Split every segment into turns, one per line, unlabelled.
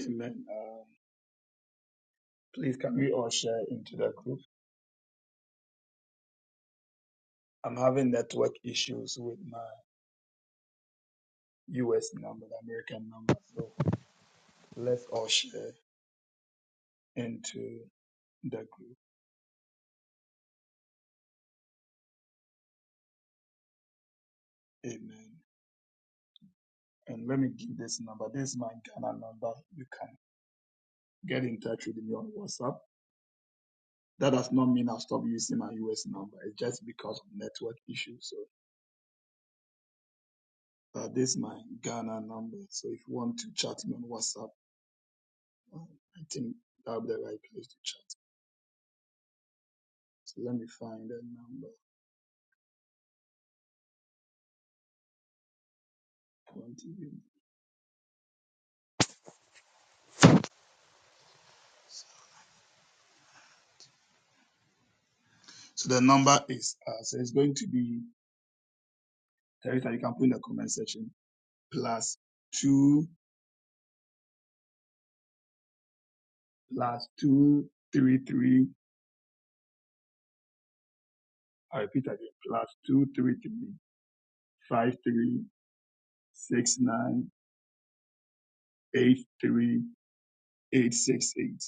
Amen. Um, please, can we all share into the group? I'm having network issues with my US number, the American number. So let's all share into the group. Amen. And let me give this number. This is my Ghana number. You can get in touch with me on WhatsApp. That does not mean I'll stop using my US number. It's just because of network issues. So uh, this is my Ghana number. So if you want to chat me on WhatsApp, uh, I think that'll be the right place to chat. So let me find the number. Continue. So the number is uh, so it's going to be Teresa. You can put in the comment section plus two plus two three three. I repeat again plus two three three five three six nine eight three eight six eight.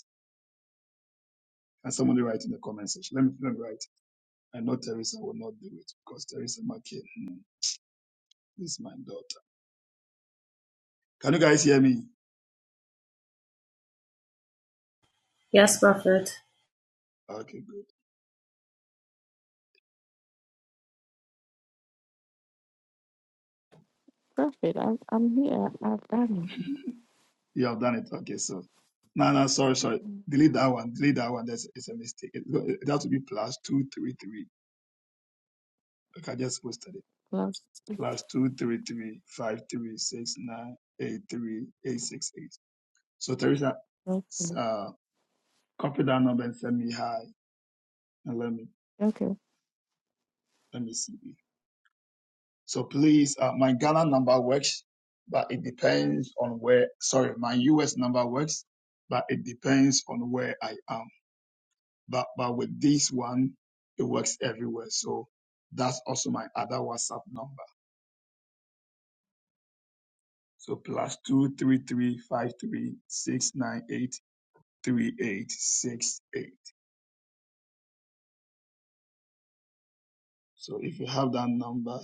Can somebody write in the comment section? Let me let me write. I know Teresa will not do it because Teresa Market, hmm, this is my daughter. Can you guys hear me?
Yes, Prophet.
Okay, good.
Perfect. I'm, I'm here. I've done
You have done it. Okay, so no, no, sorry, sorry.
it.
Delete that one. Delete that one. That's it's a mistake. It, it has to be plus two three three. Okay, I just posted it.
Plus,
Plus two three three five three six nine eight three eight six eight. So Teresa,
okay.
uh, copy that number and send me hi and let me
Okay.
let me see. it. So please, uh, my Ghana number works, but it depends on where. Sorry, my US number works, but it depends on where I am. But but with this one, it works everywhere. So that's also my other WhatsApp number. So plus two three three five three six nine eight three eight six eight. So if you have that number,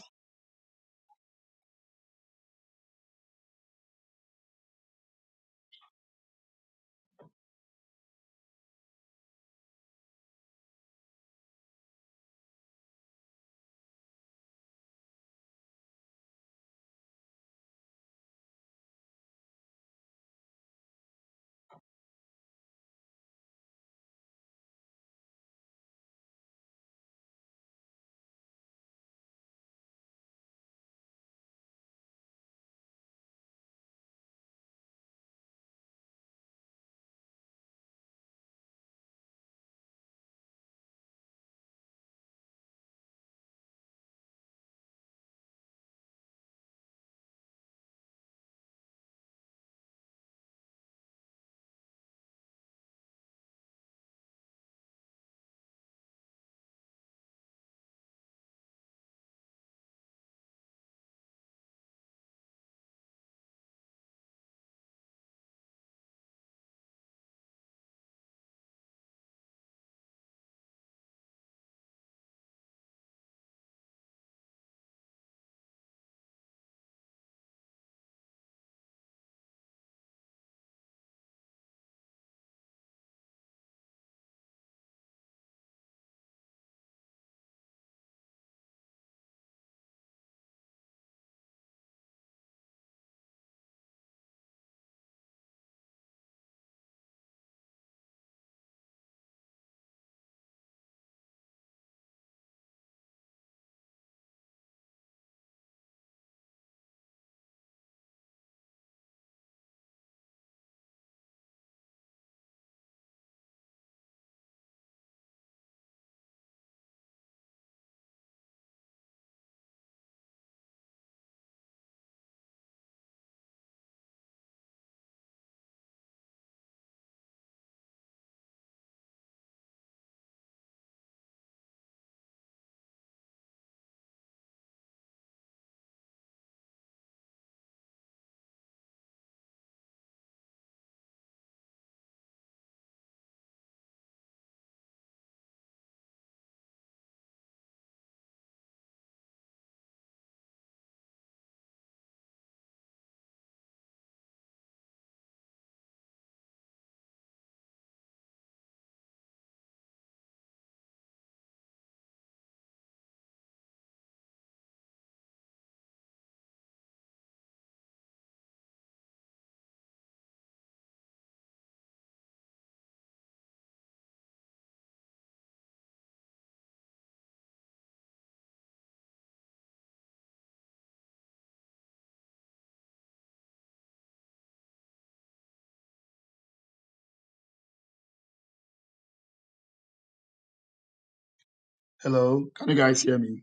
hello, can you guys hear me?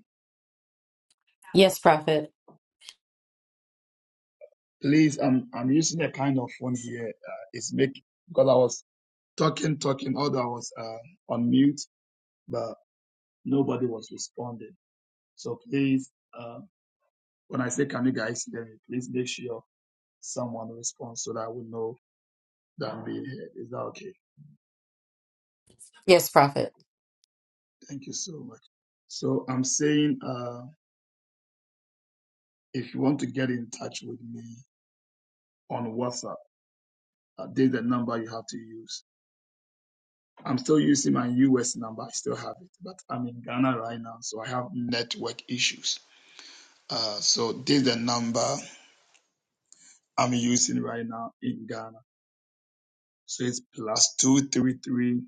Yes, Prophet.
Please, I'm I'm using a kind of phone here. Uh, it's make because I was talking talking, although I was uh, on mute, but nobody was responding. So please, uh, when I say can you guys hear me, please make sure someone responds so that I would know that I'm being heard. Is that okay?
Yes, Prophet.
Thank you so much. So I'm saying uh, if you want to get in touch with me on WhatsApp, uh, there's the number you have to use. I'm still using my US number. I still have it, but I'm in Ghana right now, so I have network issues. Uh, so this the number I'm using right now in Ghana. So it's plus two three three.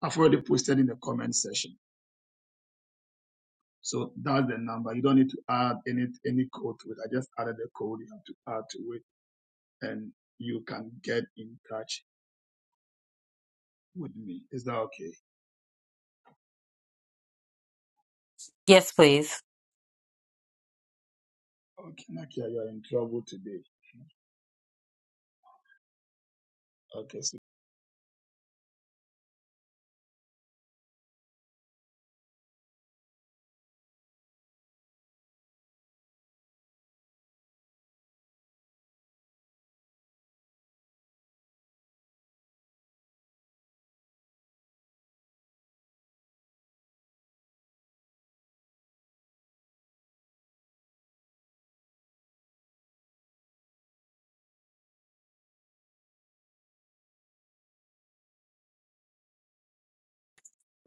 I've already posted in the comment section So that's the number. You don't need to add any any code to it. I just added the code you have to add to it, and you can get in touch with me. Is that okay?
Yes, please.
Okay, Nakia, you are in trouble today. Okay, so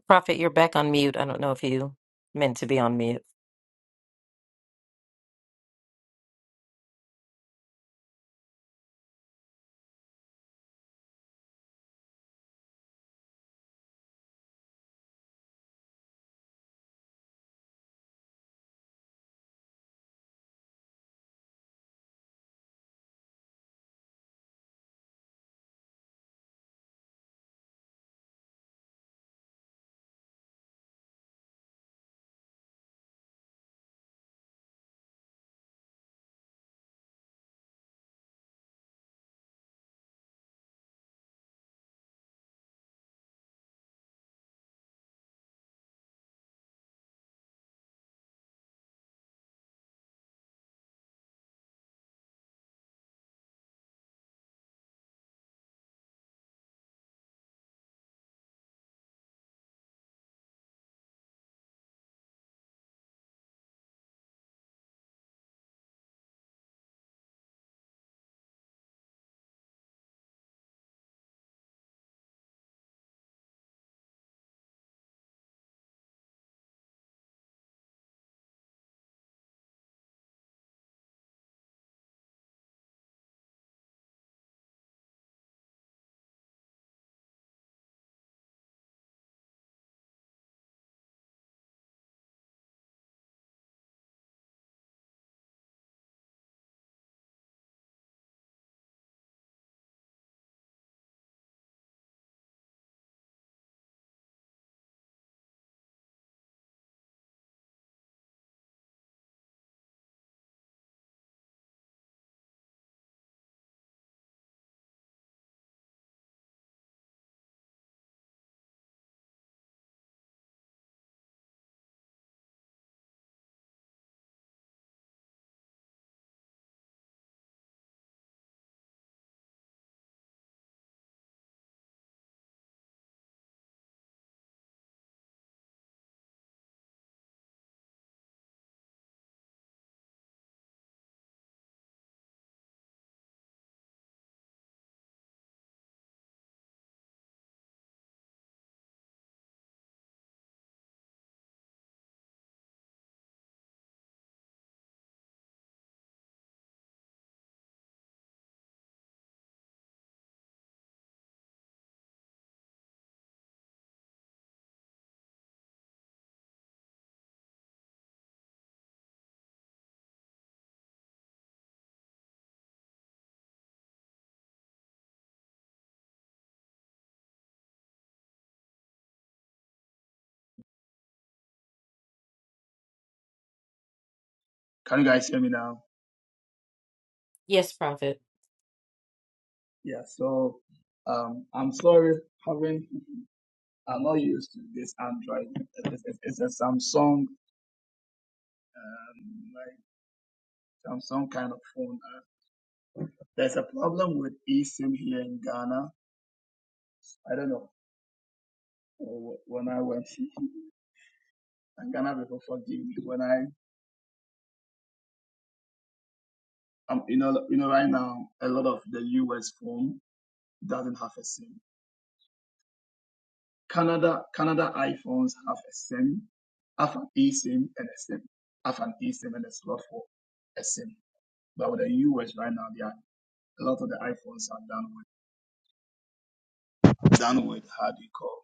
Prophet, you're back on mute. I don't know if you meant to be on mute.
can you guys hear me now?
Yes, Prophet.
Yeah. So um, I'm sorry, having I'm not used to this Android. It's, it's, it's a Samsung, um, like Samsung kind of phone. Uh, there's a problem with eSIM here in Ghana. I don't know. uh, When I went and Ghana people forgive me when I am you know you know right now a lot of the US phone doesn't have a SIM. Canada Canada iPhones have a SIM, have an eSIM and a SIM, have an eSIM and a slot for a SIM. But with the US right now, they are, a lot of the iPhones are done with done with how do you call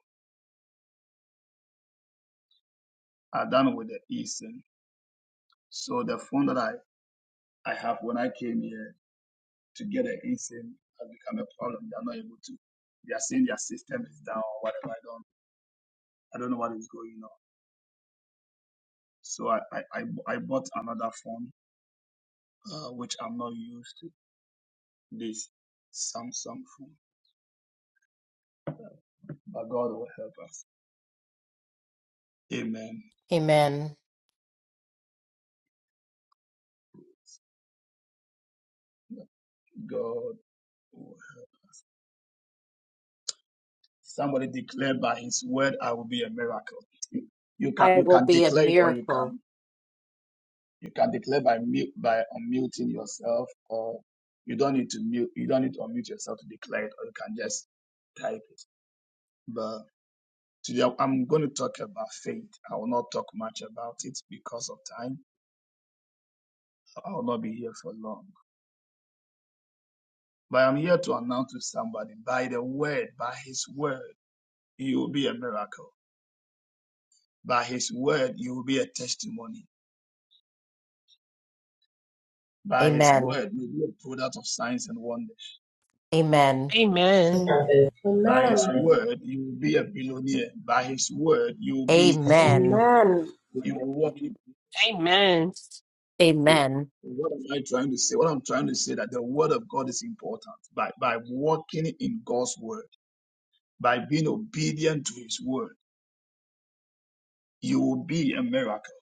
are done with the eSIM. So the phone that I I have when I came here to get an eSIM has become a problem. They are not able to. They are saying their system is down or whatever. I don't know I don't know what is going on. So I, I, I, I bought another phone, uh, which I'm not used to, this Samsung phone. But God will help us. Amen.
Amen.
God will help. Somebody declared by his word, I will be a miracle. You, you can
I
you
will
can
be a
declare it or you
miracle.
can you can declare by mute by unmuting yourself or you don't need to mute you don't need to unmute yourself to declare it or you can just type it. But Today, I'm going to talk about faith. I will not talk much about it because of time. I will not be here for long. But I'm here to announce to somebody by the word, by his word, you will be a miracle. By his word, you will be a testimony. By his
Amen.
word, you will be a product of signs and wonders.
Amen.
Amen.
By his
Amen.
word, you will be a billionaire. By his word, you will be,
Amen.
Amen.
you will walk in
Amen.
faith.
Amen.
What am I trying to say? What I'm trying to say is that the word of God is important. By by walking in God's word by being obedient to his word, you will be a miracle.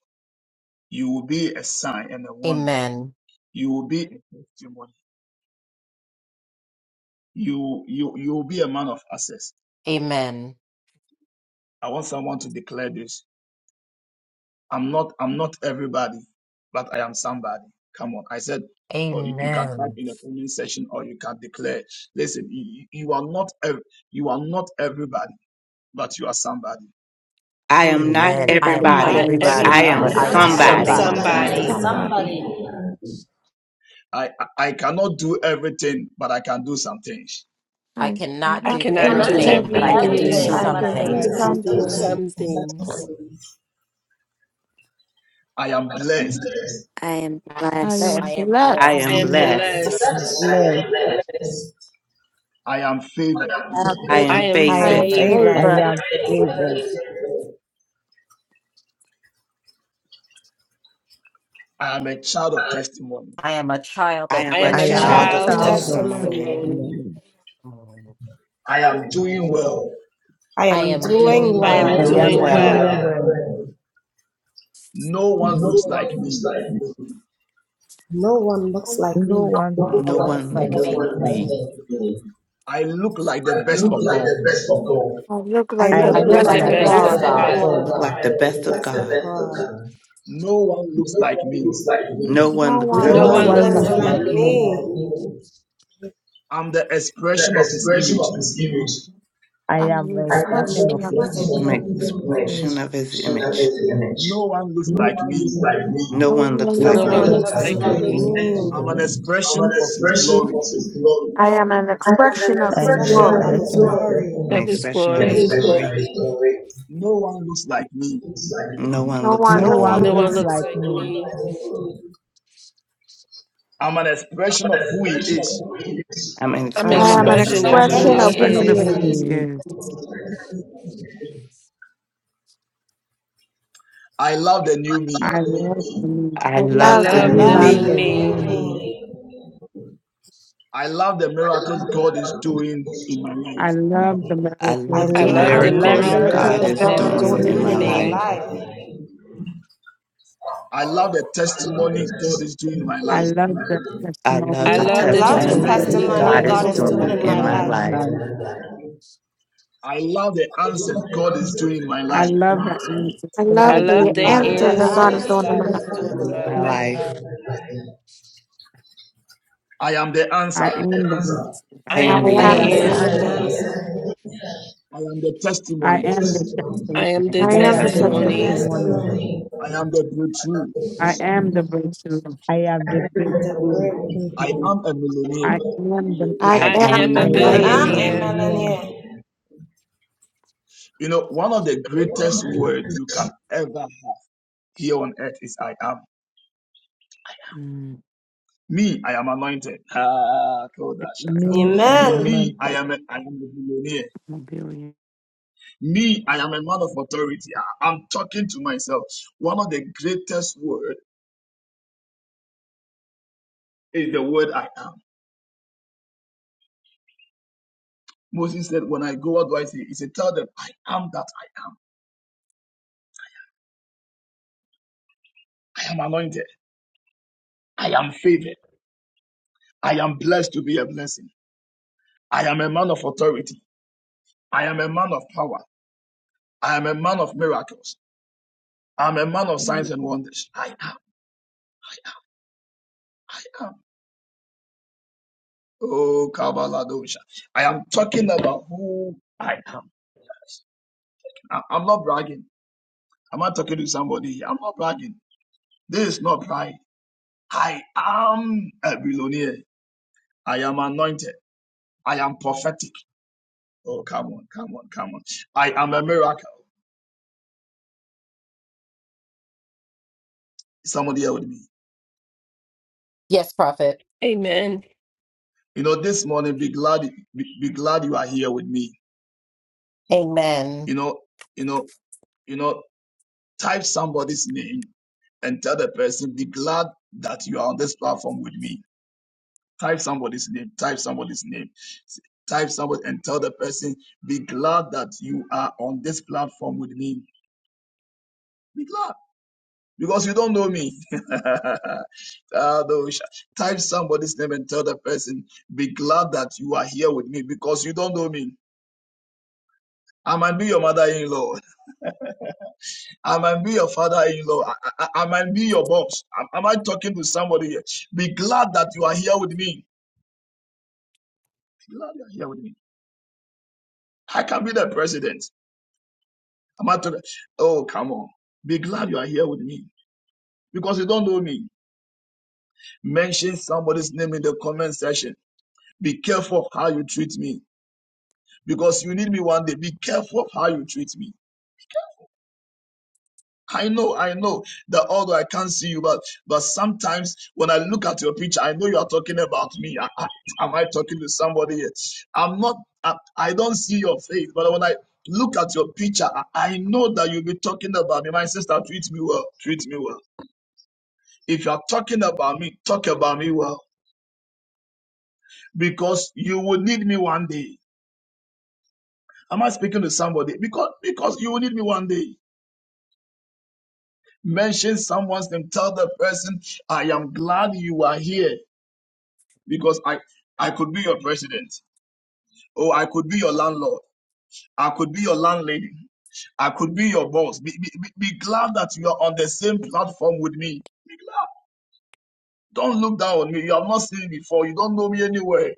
You will be a sign and a wonder.
Amen.
You will be a testimony. You you you will be a man of access.
Amen.
I want someone to declare this. I'm not I'm not everybody, but I am somebody. Come on. I said or you, you can type
Amen.
in the comment section or you can declare. Listen, you, you you are not ev- you are not everybody, but you are somebody.
I am
I'm not
not
Amen. I
everybody,
am
I'm
but
not
I
everybody,
not
am
but
everybody,
I am
but I
somebody.
everybody.
am
Not
Everybody.
I
So,
am
somebody.
everybody,
I
Mm,
somebody.
but I
am
somebody.
am
somebody.
somebody.
I, I I cannot do everything, but I can do some things.
I
I
am
cannot
I
not
do
cannot
you
doing
do
think
everything, but
that
I
I can
can
everything,
do
do
but
everything,
I
some
something.
can
but
do
I
things.
can do
something.
some things.
I am blessed.
I am
I
Let
blessed.
am
I am
I
I
blessed.
am
am
blessed.
blessed.
blessed.
Lord,
I am favored.
our
I
things
I
I
am
am
am
I
I
am
favored.
am
favored.
I
favored.
favored.
favored.
am favored.
I am a child of testimony.
I am a child
I
of
I
am a
am a
I
I
am
I
a
am
am
destiny.
child of
a
child of
child of
favored.
Testimony.
testimony.
testimony.
testimony.
I
I am doing well.
I am
am
doing
doing
I
I'm
am
I
well.
well.
doing
am
doing
well.
doing
well.
well.
No one
No
looks like
one looks
me.
like me. No one looks like me.
No one looks
No
No
one
like
looks
one
me.
like
looks like
me.
me.
I look like the
I
best
look
of
like
God.
the best of God.
I look
I
like
I
I
the
I
look
look
look
look
like
I
the
best
like
like
the
the
like
of
the
best
best
best
of
of
God.
best
of
of
God.
God.
God.
look
God.
like the best of
That's the
God.
best of God.
No one looks
No
like
one
me.
looks like
No
me.
one
No
No
looks
one
No
Never.
like
No
No
one
looks
one
one one
me.
like
looks
one
looks
looks looks
like
looks
me.
like
like
like
like
me.
me.
me.
me.
me.
I'm the
The
expression of His
expression
image.
of his image.
I
I'm
am an
I am the
expression of
refreshing of
His
his
name.
image.
I'm
reflection
an
of his image.
expression of his
And of
image.
his image.
No one looks
No
like
one looks
me.
like me.
No
No
one
one
looks
No No
like
No
looks
one
like
one
one
No
me.
one
me.
looks
looks
looks
looks
like
like like
like
me.
me.
me.
I'm an
me. I'm an
expression of His
expression
glory.
of his glory.
I am an expression of
I
his
am an
Reflection Expression
glory.
of of his his
expression of His.
glory.
I'm an
Of
glory.
his
expression
The
of
It
his
is
glory.
expression of
glory.
his glory. glory
No one looks like me.
Looks like
No
me.
one
No
looks
one.
No
No
like
one
one
No
me.
goes
one
looks
looks
like
like
me.
me.
like me.
I'm an
I am
expression
an
of who He
expression of
is.
who He is.
I'm an
I'm an
I
I
expression
love
am
of
an
expression
who
I'm
of
an
who
an
he
expression of
he
is.
expression
who
of
expression
He
of
is.
who
who
is.
he
He is.
is.
I love the new me.
I love the moon.
I
I
I
love
love the
the
I
love
new
new
the
love
new
me.
me.
the
the
new
me.
new
me.
me.
I love the miracles God is doing in my
I
life.
love the
I
I
love
metaphors.
I
the
I
that
love
love
I
the
love
I
the
the
like
do
miracles
the
in the
miracles
miracles
moon.
God
miracle
miracles
that
God
is
God
God
is
is
God
is
is
doing
doing
doing
doing
in
in
doing
in
my
in
me.
my
in me.
me.
life.
life.
I love the testimony God is doing in my
I
life.
love the
I
I
love
I
the
testimony
I
love
love
the
the
that
love
I
the
is
like the
testimonies
testimony
being
testimony
that
in my-
God
testimony
God
God
is
testimony
is
is
God is
doing
God
in
doing
my
in
doing
is
doing
in
my
in
my
life.
doing
my
in
life.
life.
my
life.
life.
I love the answers God is doing in my
I
life.
love that message
I
God
I
love
is
love
the
doing
the
in my
Love the
life.
answer that God is
answers
doing in
God
my
answers
is
life.
God
doing
is
in
doing
In
my
my
in my
life.
life,
life.
I am the
I
answer.
am the blessing.
I
I
I
am
am
the
I
the
am
am
the
the
answer.
answer.
answer.
answer.
answer.
I am the
I
testimony.
am the
I
testimony.
am
I
the
am
I
the
I
am the
am the
testimony.
testimony.
testimony.
testimony.
I am the breakthrough.
I am the breakthrough.
I am the
The
breakthrough.
word.
I am a millionaire.
I am the
I
I
I
miracle.
am
am
am
the
a
I
the
I
am the
millionaire.
am a
billionaire.
billionaire.
millionaire.
millionaire.
You know, one of the greatest words you can ever have here on earth is I am.
Mm,
Me, I am anointed. Ah,
thank you.
Kodashata.
Me, I am
Amen.
Me, I
anointed.
am a, I am a millionaire.
I'm a billion.
Me, I am a man of authority. I- I'm talking to myself. One of the greatest words is the word I am. Moses said, When I go, what do I say? He said, Tell them, I am that I am. I am anointed. I am favored. I am blessed to be a blessing. I am a man of authority. I am a man of power. I am a man of miracles. I'm a man of
I am
signs and wonders. I am. I am. Oh, Kabbaladosha. I am talking about who I am. I- I'm not bragging. I'm not talking to somebody. I'm not bragging. This is not pride. I am a billionaire. I am anointed. I am prophetic. Oh, come on, come on, come on. I am a miracle. Somebody here with me.
Yes, prophet.
Amen.
You know, this morning, be glad, be, be glad you are here with me.
Amen.
You know, you know, you know, type somebody's name and tell the person, be glad that you are on this platform with me. Type somebody's name, type somebody's name, S- type somebody and tell the person, be glad that you are on this platform with me. Be glad because you don't know me. Ah, no, sh- type somebody's name and tell the person, be glad that you are here with me because you don't know me. I might be your mother-in-law. I might be your father in law. I, I, I might be your boss. Am, am I talking to somebody here? Be glad that you are here with me. Be glad you are here with me. I can be the president. Am I talking? Oh, come on. Be glad you are here with me because you don't know me. Mention somebody's name in the comment section. Be careful of how you treat me because you need me one day. Be careful of how you treat me. I know, I know that although I can't see you, but but sometimes when I look at your picture, I know you are talking about me. I, I, am I talking to somebody? here? I'm not. I, I don't see your face, but when I look at your picture, I, I know that you'll be talking about me. My sister, treat me well. Treat me well. If you are talking about me, talk about me well, because you will need me one day. Am I speaking to somebody? Because because you will need me one day. Mention someone's name. Tell the person, I am glad you are here. because I I could be your president, or I could be your landlord, I could be your landlady, I could be your boss. Be, be, be be glad that you are on the same platform with me. Be glad. Don't look down on me. You have not seen me before. You don't know me anywhere.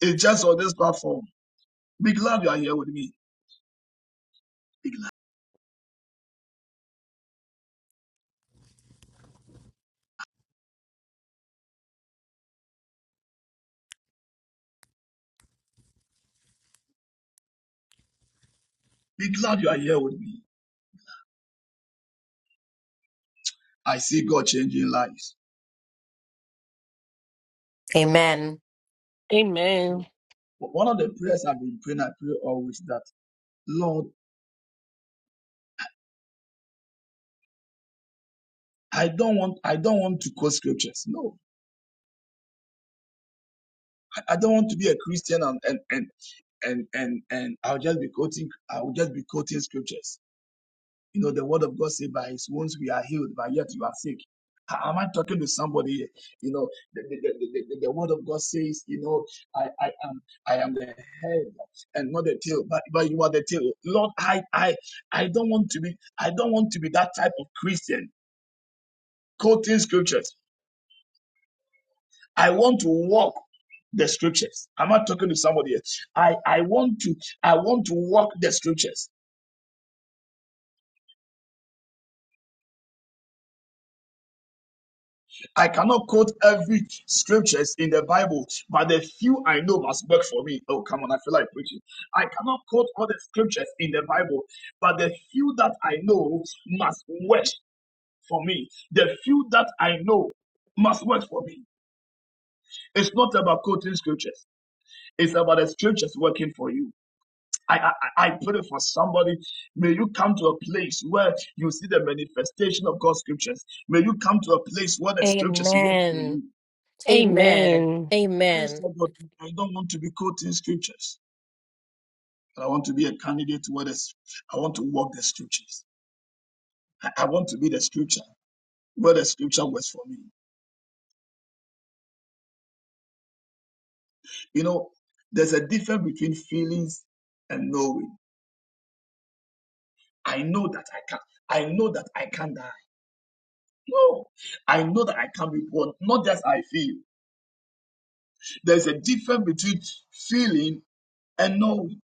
It's just on this platform. Be glad you are here with me. Be glad you are here with me. I see God changing lives.
Amen.
Amen.
But one of the prayers I've been praying, I pray always that Lord, I don't want I don't want to quote scriptures. No, I I don't want to be a Christian and, and, and and and and I'll just be quoting I will just be quoting scriptures. You know, the word of God says by his wounds we are healed, but yet you are sick. A- Am I talking to somebody here? You know, the, the, the, the, the the word of God says, you know, I, I am I am the head and not the tail, but, but you are the tail. Lord, I I I don't want to be I don't want to be that type of Christian quoting scriptures. I want to walk the scriptures. Am I talking to somebody here? I, I want to I want to walk the scriptures. I cannot quote every scriptures in the Bible, but the few I know must work for me. Oh, come on, I feel like preaching. I cannot quote all the scriptures in the Bible, but the few that I know must work for me. The few that I know must work for me. It's not about quoting scriptures. It's about the scriptures working for you. I, I, I pray for somebody. May you come to a place where you see the manifestation of God's scriptures. May you come to a place where the scriptures work for
Amen.
you.
Amen.
Amen.
You
Amen.
said, but I don't want to be caught in scriptures. But I want to be a candidate where the, I want to walk the scriptures. I, I want to be the scripture where the scripture was for me. You know, there's a difference between feelings and knowing. I know that I can. I know that I can die. No, I know that I can be born. Not just I feel. There's a difference between feeling and knowing.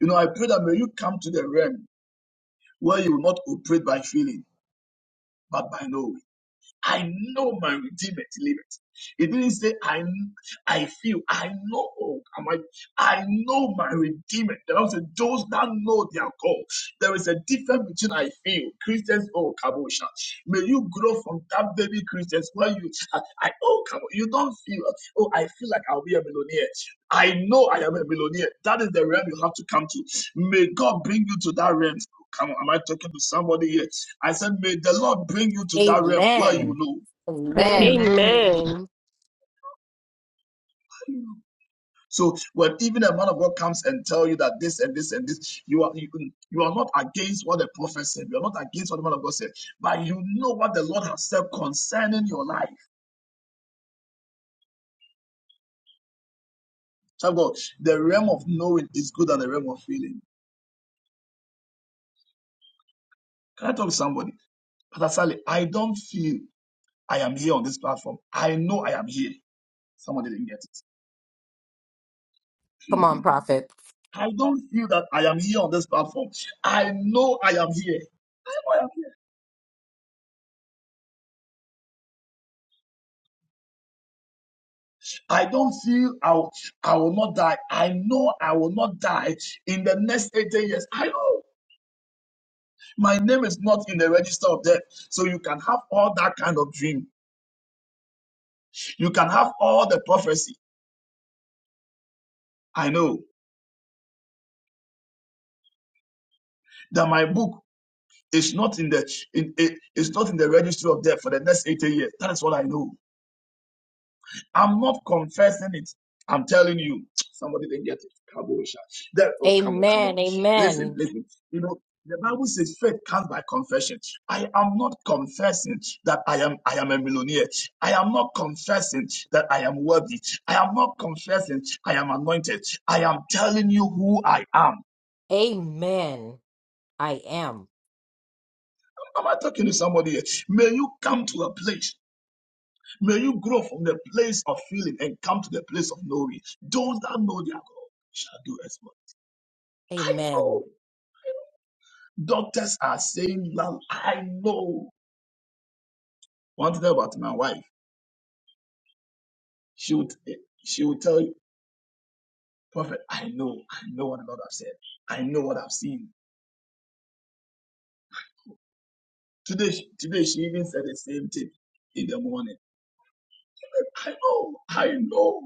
You know, I pray that may you come to the realm where you will not operate by feeling, but by knowing. I know my redeemer liveth. He didn't say I I feel I know oh, am I I know my redeemer. The Bible said those that know their God. There is a difference between I feel Christians oh kabosha. May you grow from that baby Christians where you I, I oh come you don't feel oh I feel like I'll be a millionaire. I know I am a millionaire. That is the realm you have to come to. May God bring you to that realm. Oh, Come on, am I talking to somebody here? I said, may the Lord bring you to that realm where you
Amen.
know.
Amen.
Amen.
Amen.
So when even a man of God comes and tell you that this and this and this, you are you, you are not against what the prophet said. You are not against what the man of God said, but you know what the Lord has said concerning your life. Child God, the realm of knowing is good than the realm of feeling. Can I talk to somebody? Pastor Sally, I don't feel I am here on this platform. I know I am here. Somebody didn't get
Come
it.
on, prophet.
I don't feel that I am here on this platform. I know I am here. I know I am I don't feel I will, I will not die. I know I will not die in the next 80 years. I know my name is not in the register of death. So you can have all that kind of dream. You can have all the prophecy. I know that my book is not in the in, it- it's not in the registry of death for the next 80 years. That is what I know. I'm not confessing it. I'm telling you, somebody didn't get it. Kabosha. That, oh, come on, come on.
Amen.
Listen,
Amen.
listen. You know, the Bible says faith comes by confession. I am not confessing that I am I am a millionaire. I am not confessing that I am worthy. I am not confessing I am anointed. I am telling you who I am.
Amen. I am.
Am I talking to somebody here? May you come to a place. May you grow from the place of feeling and come to the place of knowing. Those that know their God shall do exploits. I
Amen.
know. Doctors are saying, "Well, I know. One thing about my wife, she would, she would tell you, Prophet, I know, I know what the Lord has said. I know what I've seen. Today, she- today she even said the same thing in the morning. I know, I know.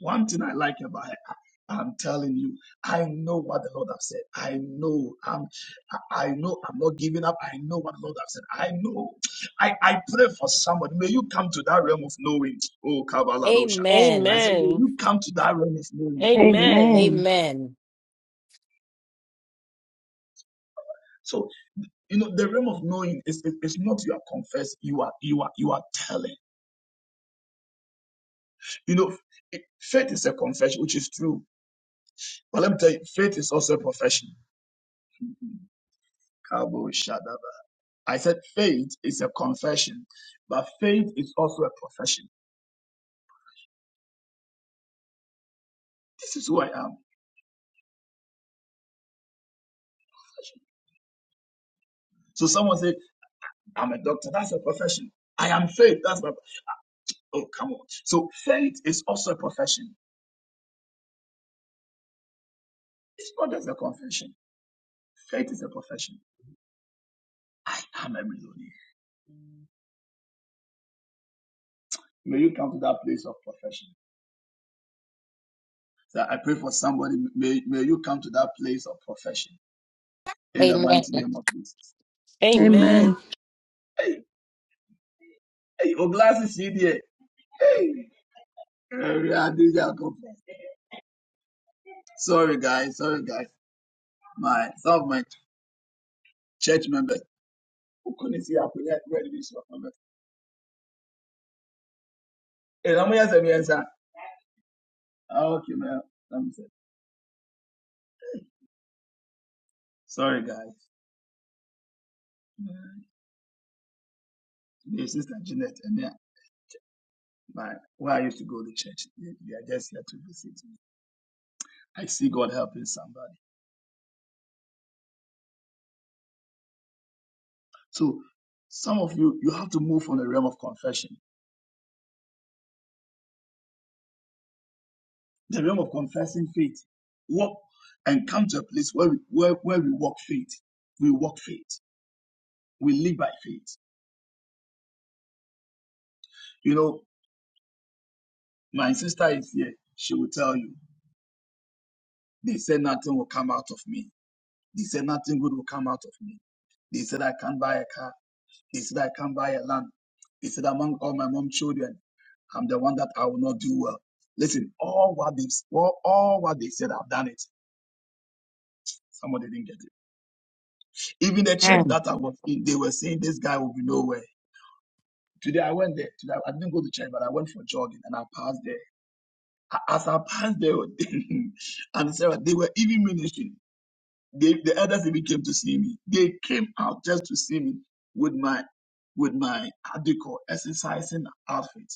One thing I like about it, I- am telling you, I know what the Lord has said. I know I'm I I know I'm not giving up. I know what the Lord has said. I know. I, I pray for somebody. May you come to that realm of knowing. Oh Kabbaladosha. I
Amen.
said, may
Amen.
you come to that realm of knowing.
Amen.
Amen.
Amen.
So, you know, the realm of knowing is, is, is not you are confessed, you are you are you are telling. You know, it- faith is a confession, which is true. But let me tell you, faith is also a profession. I said faith is a confession, but faith is also a profession. This is who I am. So someone said, I'm a doctor. That's a profession. I am faith. That's my. Oh, come on. So faith is also a profession. It's not just a confession. Faith is a profession. I'm a millionaire. May you come to that place of profession. So I pray for somebody. May, may you come to that place of profession in the
Amen.
mighty name of Jesus.
Amen.
Amen.
Hey, hey, Oglasi CDA. Hey. Eh, we are Sorry, guys. Sorry, guys. my some of my church members who couldn't see how could ready this stuff. like, Hey, let me answer me answer. Oh, okay, man. Let me say, sorry guys. My sister Jeanette and then my where I used to go to church. They, they are just here to visit me. I see God helping somebody. So some of you you have to move from the realm of confession, the realm of confessing faith. Walk and come to a place where we where, where we walk faith. We walk faith. We live by faith. You know, my sister is here. She will tell you. They said nothing will come out of me. They said nothing good will come out of me. They said I can't buy a car. They said I can't buy a land. They said among all my mom children, I'm the one that I will not do well. Listen, all what they all, all what they said, I've done it. Somebody didn't get it. Even the church
Amen.
that I was in, they were saying this guy will be nowhere. Today I went there. Today I didn't go to church, but I went for jogging and I passed there. A- As I passed there, and Sarah, they were even ministering. They, the elders even came to see me. They came out just to see me with my with my adequate exercising outfit.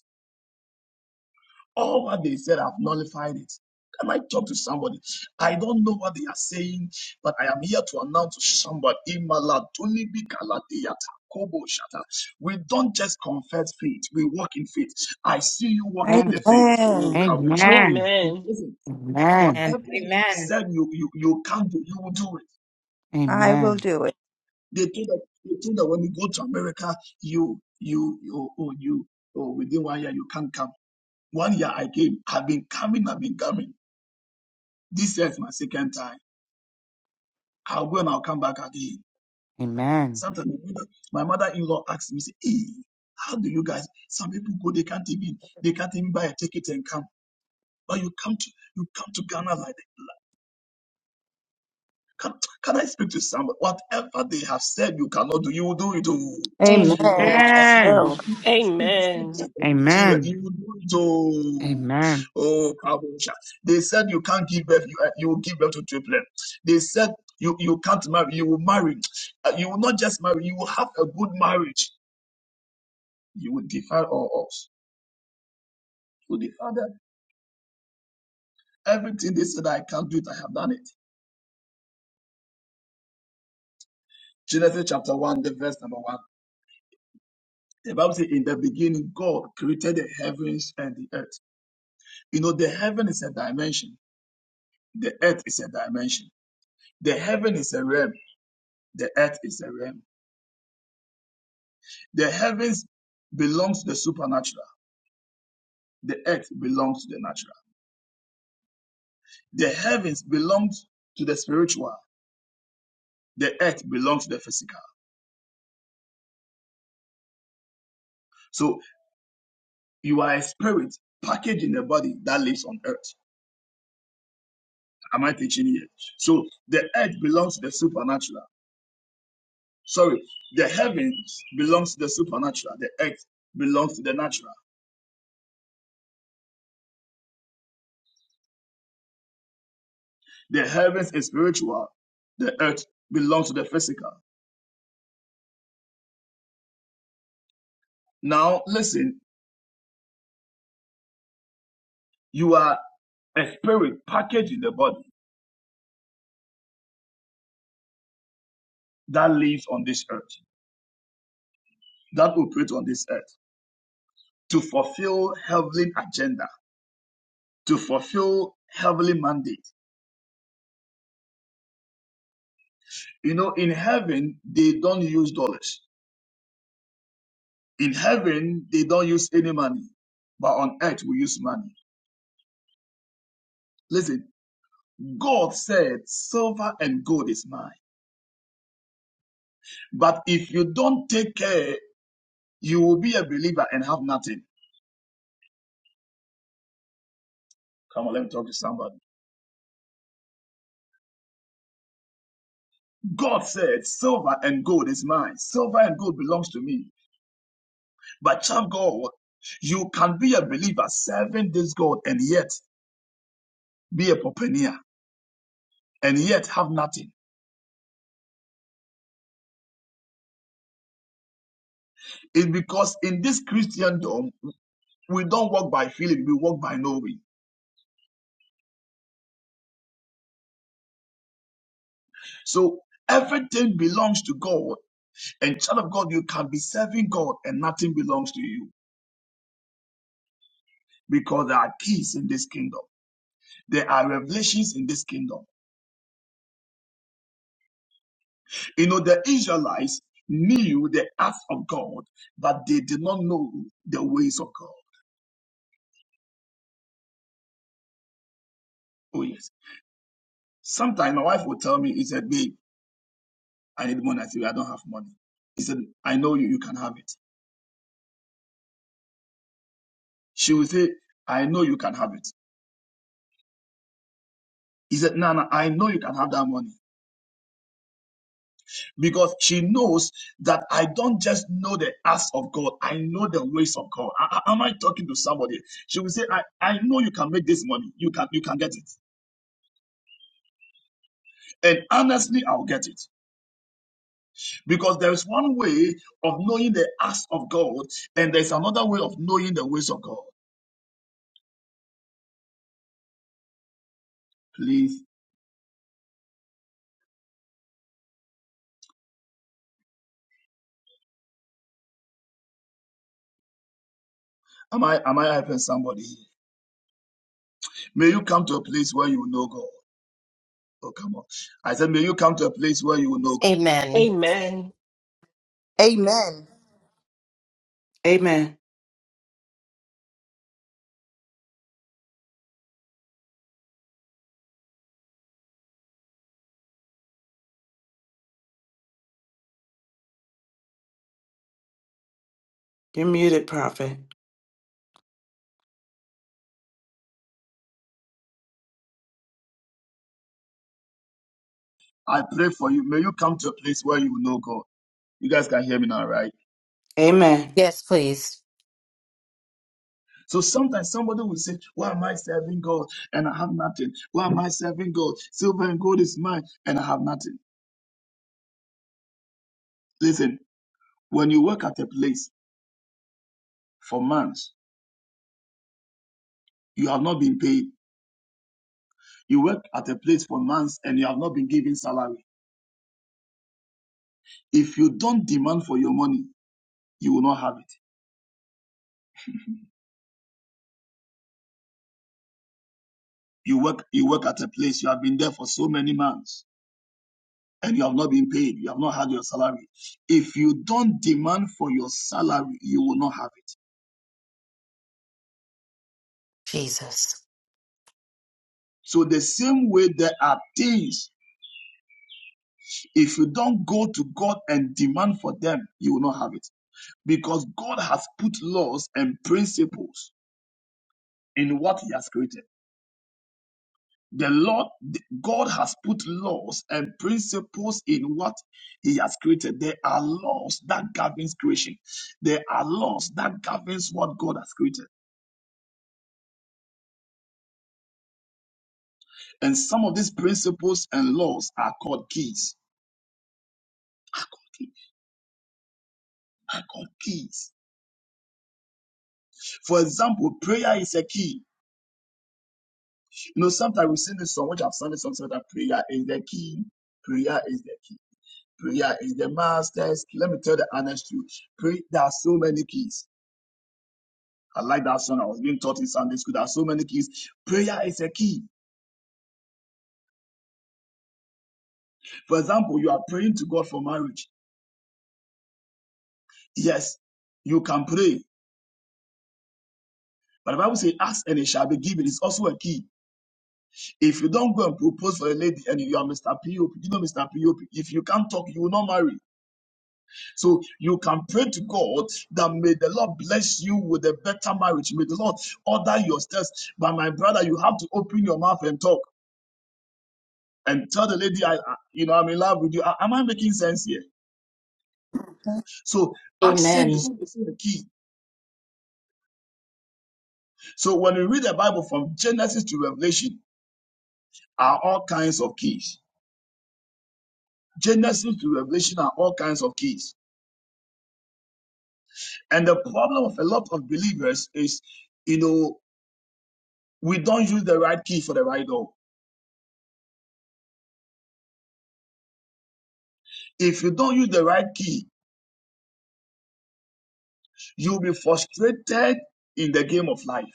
All what they said, I've nullified it. Can I talk to somebody? I don't know what they are saying, but I am here to announce to somebody. Imala tunibi kaladiyata kobo shata. We don't just confess faith, we walk in faith. I see you walking the
Amen.
faith. Oh,
Amen.
kabosha.
Amen.
Amen.
Listen,
Amen.
And
whatever you have
amen.
said you, you, you can do, you will do it.
I will
Amen.
do it.
They think that they think that when you go to America, you you you oh you oh within one year you can't come. One year I came, I've been coming, I've been coming. This year is my second time. I'll go and I'll come back again.
Amen.
Sometimes my mother, my mother-in-law asks me, say, hey, how do you guys? Some people go, they can't even they can't even buy a ticket and come. But you come to you come to Ghana like that. Can, can I speak to someone? Whatever they have said you cannot do, you will do it. oh.
Amen.
God,
I
Amen.
somebody
will.
speak, speak, speak
Amen.
to Nigeria. You
Amen.
will do it. Oh,
Amen.
oh, Kabosha. They said you can't give birth. You, uh, you will give birth to triplet. They said you, you can't marry. You will marry. Uh, you will not just marry. You will have a good marriage. You will defy all odds. You will defy them. Everything they said I can't do it. I have done it. Genesis chapter one, the verse number one. The Bible says, "In the beginning, God created the heavens and the earth." You know, the heaven is a dimension. The earth is a dimension The heaven is a realm. The earth is a realm. The heavens belongs to the supernatural. The earth belongs to the natural. The heavens belongs to the spiritual. The earth belongs to the physical. So you are a spirit packaged in a body that lives on earth. Am I teaching here? So the earth belongs to the supernatural. Sorry, the heavens belongs to the supernatural. The earth belongs to the natural. The heavens is spiritual. The earth belongs to the physical. Now listen, You are a spirit packaged in the body that lives on this earth, that operates on this earth to fulfill heavenly agenda, to fulfill heavenly mandate. You know, in heaven, they don't use dollars. In heaven, they don't use any money, but on earth, we use money. Listen, God said, silver and gold is mine. But if you don't take care, you will be a believer and have nothing. Come on, let me talk to somebody. God said, Silver and gold is mine. Silver and gold belongs to me. But child God, you can be a believer serving this God and yet be a pauper and yet have nothing. It's because in this Christendom, we don't walk by feeling, we walk by knowing. So everything belongs to God. And child of God, you can be serving God and nothing belongs to you because there are keys in this kingdom. There are revelations in this kingdom. You know, the Israelites knew the acts of God, but they did not know the ways of God. Oh, yes. Sometimes my wife will tell me, he said, babe, I need money. I said, I don't have money. He said, I know you, you can have it. She will say, I know you can have it. He said, no, no, I know you can have that money because she knows that I don't just know the acts of God. I know the ways of God. I, I- am I talking to somebody? She will say, I, I know you can make this money. You can, you can get it. And honestly, I'll get it. Because there is one way of knowing the acts of God, and there's another way of knowing the ways of God. Please, am I am I helping somebody? May you come to a place where you know God. Oh, come on. I said, may you come to a place where you know
Amen.
Amen.
Amen.
Amen. You're muted, prophet.
God. I pray for you. May you come to a place where you know God. You guys can hear me now, right?
Amen.
Yes, please.
So sometimes somebody will say, Why am I serving God and I have nothing? Why am I serving God? Silver and gold is mine and I have nothing. Listen, when you work at a place for months, you have not been paid. You work at a place for months and you have not been given salary. If you don't demand for your money, you will not have it. You work, you work at a place, you have been there for so many months and you have not been paid. You have not had your salary. If you don't demand for your salary, you will not have it.
Jesus.
So the same way there are things, if you don't go to God and demand for them, you will not have it. Because God has put laws and principles in what He has created. The Lord, God has put laws and principles in what He has created. There are laws that governs creation. There are laws that governs what God has created. And some of these principles and laws are called keys. Are called key- are called keys. For example, prayer is a key. You know, sometimes we sing this song, which I've sung this song, so that prayer is the key. Prayer is the key. Prayer is the master's key. Let me tell the honest truth. Pray, there are so many keys. I like that song. I was being taught in Sunday school. There are so many keys. Prayer is a key. For example, you are praying to God for marriage. Yes, you can pray. But the Bible says, ask and it shall be given. It's also a key. If you don't go and propose for a lady and you are Mr. POP, you know Mr. POP, if you can't talk, you will not marry. So you can pray to God that may the Lord bless you with a better marriage. May the Lord order your steps. But my brother, you have to open your mouth and talk and tell the lady, I, I- you know, I'm in love with you. Am I making sense here? So action is
Amen.
also a key. So when you read the Bible from Genesis to Revelation are all kinds of keys. Genesis to Revelation are all kinds of keys. And the problem of a lot of believers is, you know, we don't use the right key for the right door. If you don't use the right key, you'll be frustrated in the game of life.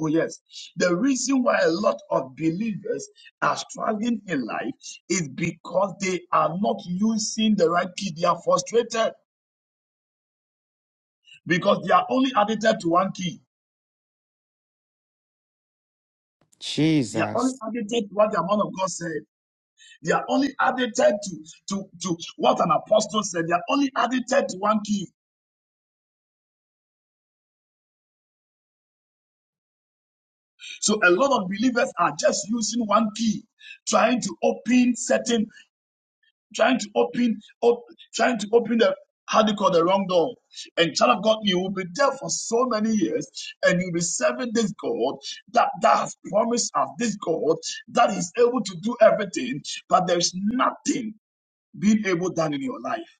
Oh, yes. The reason why a lot of believers are struggling in life is because they are not using the right key. They are frustrated because they are only addicted to one key. They are only
Jesus.
addicted to what the man of God said. They are only addicted to, to, to what an apostle said. They are only addicted to one key. So a lot of believers are just using one key, trying to open certain, trying to open, op, trying to open the how do you call the wrong door? And child of God, you will be there for so many years, and you'll be serving this God that, that has promised us this God that is able to do everything, but there's nothing being able done in your life.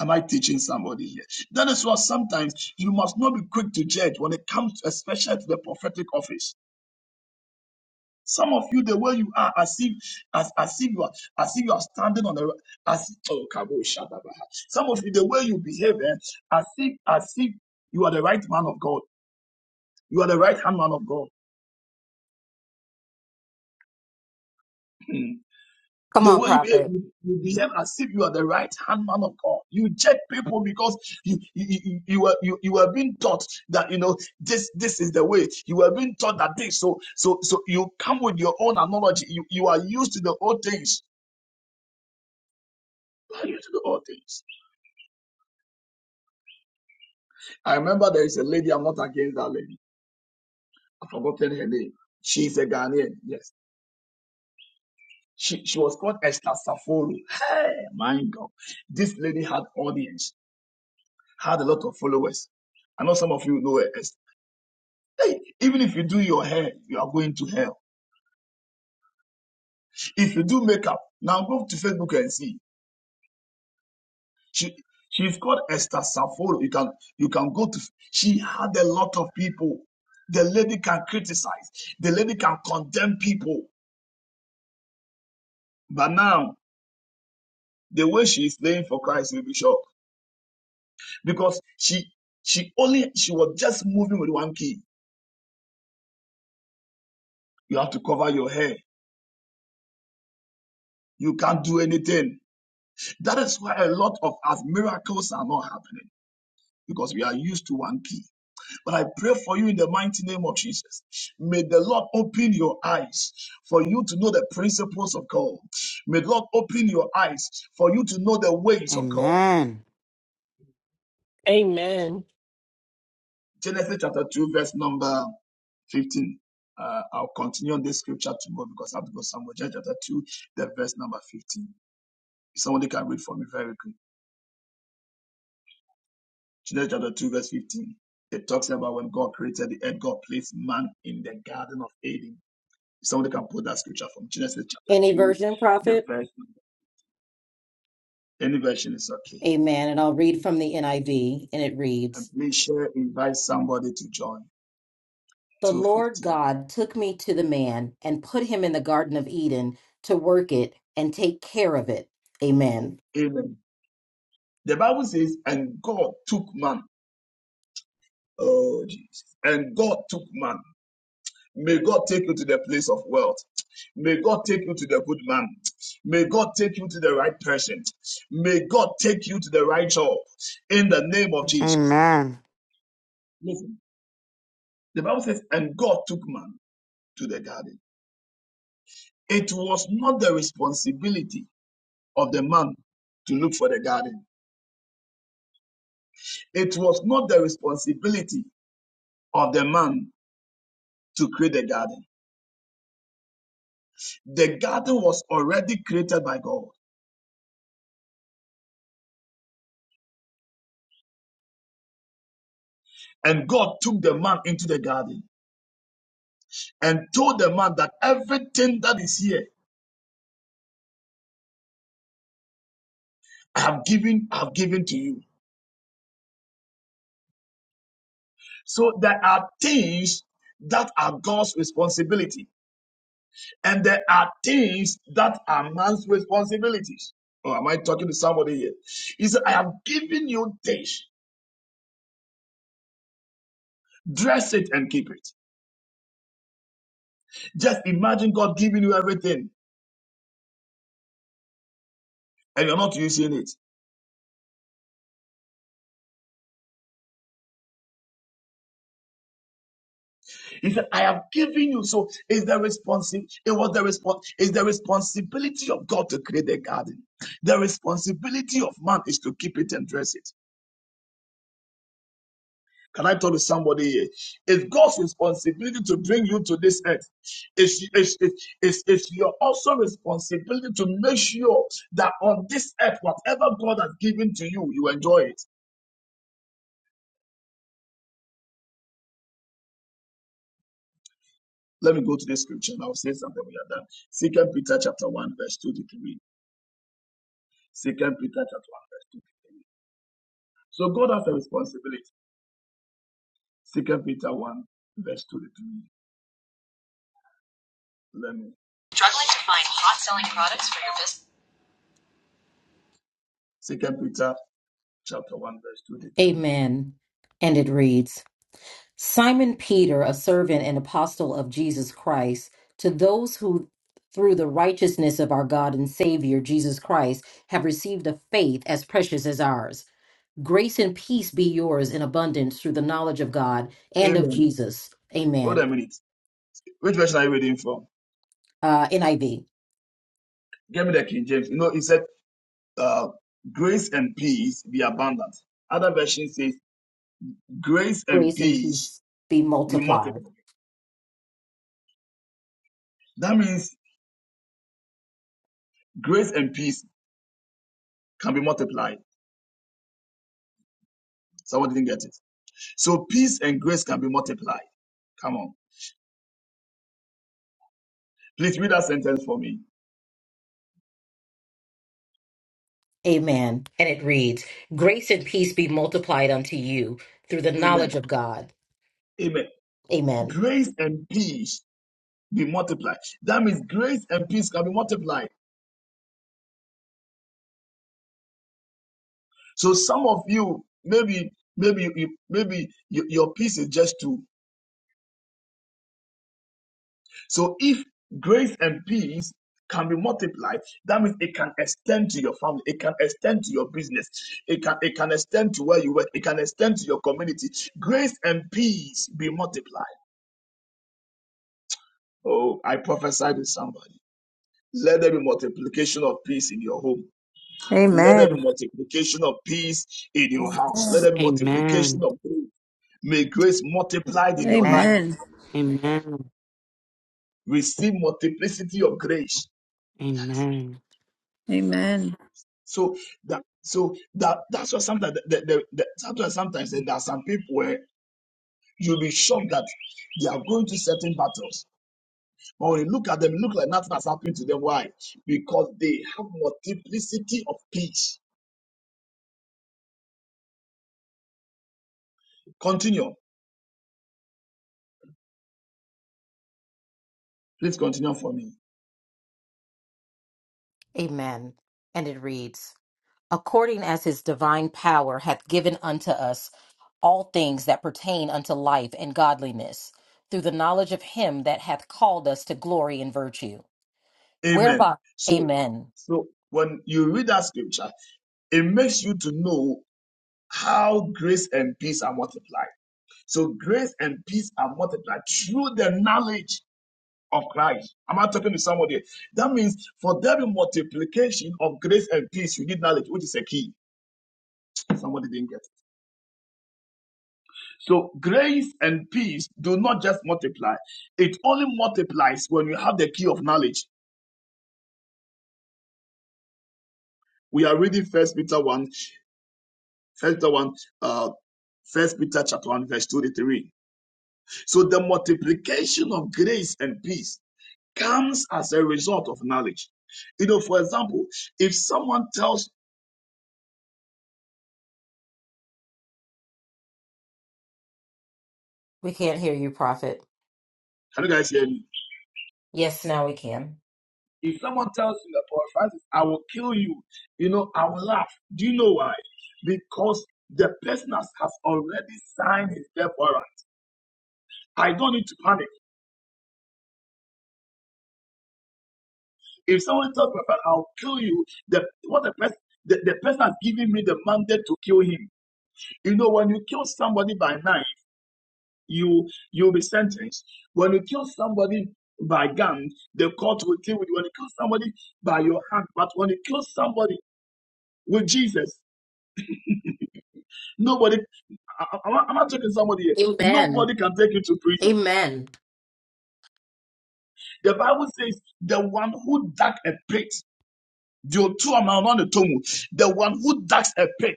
Am I teaching somebody here? That is why sometimes you must not be quick to judge when it comes, especially to the prophetic office. Some of you, the way you are, as if as, as if you are as if you are standing on the as oh Kabo Shadabaha. Some of you, the way you behave, eh, as if as if you are the right man of God. You are the right hand man of God. Hmm.
Come
The
on,
way you behave,
prophet.
you you behave as if you are the right hand man of God. You judge people because you you you, you were you, you were being taught that you know this this is the way. You were being taught that this. So so so you come with your own analogy. You you are used to the old things. You are used to the old things. I remember there is a lady. I'm not against that lady. I've forgotten her name. She's a Ghanaian. Yes. She, she was called Esther Saforo. Hey, my God. This lady had audience, had a lot of followers. I know some of you know her. Hey, even if you do your hair, you are going to hell. If you do makeup, now go to Facebook and see. She she's called Esther Saforo. You can you can go to she had a lot of people. The lady can criticize, the lady can condemn people. But now the way she is playing for Christ will be shocked. Because she she only she was just moving with one key. You have to cover your hair. You can't do anything. That is why a lot of us miracles are not happening because we are used to one key. But I pray for you in the mighty name of Jesus. May the Lord open your eyes for you to know the principles of God. May the Lord open your eyes for you to know the ways of God.
Amen.
Amen.
Genesis chapter 2, verse number 15. Uh, I'll continue on this scripture tomorrow because I have to go somewhere. Genesis chapter 2, the verse number 15. If somebody can read for me very quick. Genesis chapter 2, verse 15. It talks about when God created the earth, God placed man in the garden of Eden If somebody can put that scripture from Genesis chapter
Any
2,
version,
the
prophet?
verse, any version is okay.
Amen. And I'll read from the NIV, and it
And
reads
please share, invite somebody to join.
The Lord
215.
God took me to the man and put him in the Garden of Eden to work it and take care of it. Amen.
Amen. The Bible says, and God took man. Oh, Jesus. And God took man. May God take you to the place of wealth. May God take you to the good man. May God take you to the right person. May God take you to the right job in the name of Jesus.
Amen.
Listen, the Bible says, and God took man to the garden. It was not the responsibility of the man to look for the garden. It was not the responsibility of the man to create the garden. The garden was already created by God. And God took the man into the garden and told the man that everything that is here, I have given, I have given to you. So there are things that are God's responsibility. And there are things that are man's responsibilities. Oh, am I talking to somebody here? He said, I have given you this. Dress it and keep it. Just imagine God giving you everything and you're not using it. He said, I have given you. So is the responsibility, it was the response, is the responsibility of God to create the garden. The responsibility of man is to keep it and dress it. Can I talk to somebody here? It's God's responsibility to bring you to this earth. It's, it's, it's, it's, it's your also responsibility to make sure that on this earth, whatever God has given to you, you enjoy it. Let me go to this scripture and I'll say something we are done. Second Peter chapter 1, verse 2 to 3. Second Peter chapter 1, verse 2. So God has a responsibility. Second Peter 1, verse 2 to 3. Let me
Struggling to find hot selling
and I'm
products
done.
for your business?
Second Peter chapter 1, verse 2 to
Amen. And it reads Simon Peter, a servant and apostle of Jesus Christ, to those who through the righteousness of our God and Savior Jesus Christ have received a faith as precious as ours Grace and peace be yours in abundance through the knowledge of God
3.
and of
Amen.
Jesus.
Hold a
Amen.
minute. Which version are you reading from?
Uh, NIV.
Give me the King James. You know, it said, uh, grace and peace be abundant. Other version says, grace and
Grace and
peace
peace be
be
multiplied.
multiplied. That means grace and peace can be multiplied. Someone didn't get it. So peace and grace can be multiplied. Come on. Please read that sentence for me.
Amen. And it reads, Grace and peace be multiplied unto you through the knowledge
Amen.
of God.
Amen.
Amen.
Grace and peace be multiplied. That means grace and peace can be multiplied. So some of you, maybe, maybe, you- maybe your your peace is just two. So if grace and peace can be multiplied, that means it can extend to your family, it can extend to your business, it can it can extend to where you work, it can extend to your community. Grace and peace be multiplied. Oh, I prophesied to somebody. Let there be multiplication of peace in your home. Let there
Amen.
be multiplication of peace in your house. Let there be multiplication
Amen.
of grace. May grace multiplied in your life.
Amen.
Amen.
Amen.
Receive multiplicity of grace
Amen.
Amen.
So that so that that's why sometimes the, the, the, that's why sometimes there are some people where you'll be shocked that they are going to certain battles. But when you look at them, it look like nothing has happened to them. Why? Because they have multiplicity of peace. Continue. Please continue for me.
Amen. And it reads, According as his divine power hath given unto us all things that pertain unto life and godliness, through the knowledge of him that hath called us to glory and virtue,
Amen.
whereby,
So
Amen
so when you read that scripture, it makes you to know how grace and peace are multiplied. So grace and peace are multiplied through the knowledge of Christ. Am I talking to somebody? That means for there be multiplication of grace and peace, you need knowledge, which is a key. Somebody didn't get. it. So grace and peace do not just multiply; it only multiplies when you have the key of knowledge. We are reading First Peter one, First Peter one, uh, First Peter chapter one, verse two to three. So the multiplication of grace and peace comes as a result of knowledge. You know, for example, if someone tells,
We can't hear you, Prophet.
can you guys hear me?
Yes, now we can.
If someone tells you that, Paul Francis, I will kill you, you know, I will laugh. Do you know why? Because the person has, has already signed his death warrant. I don't need to panic. If someone tells me, "Prophet, I'll kill you, the what the person the, the person has given me the mandate to kill him. You know, when you kill somebody by knife, you you'll be sentenced. When you kill somebody by gun, the court will deal with you. When you kill somebody by your hand, but when you kill somebody with Jesus, nobody I, I, am not talking somebody here.
Amen.
Nobody can take you to prison.
Amen.
The Bible says, the one who dug a pit Deuteronomy around the tomb, the one who digs a pit,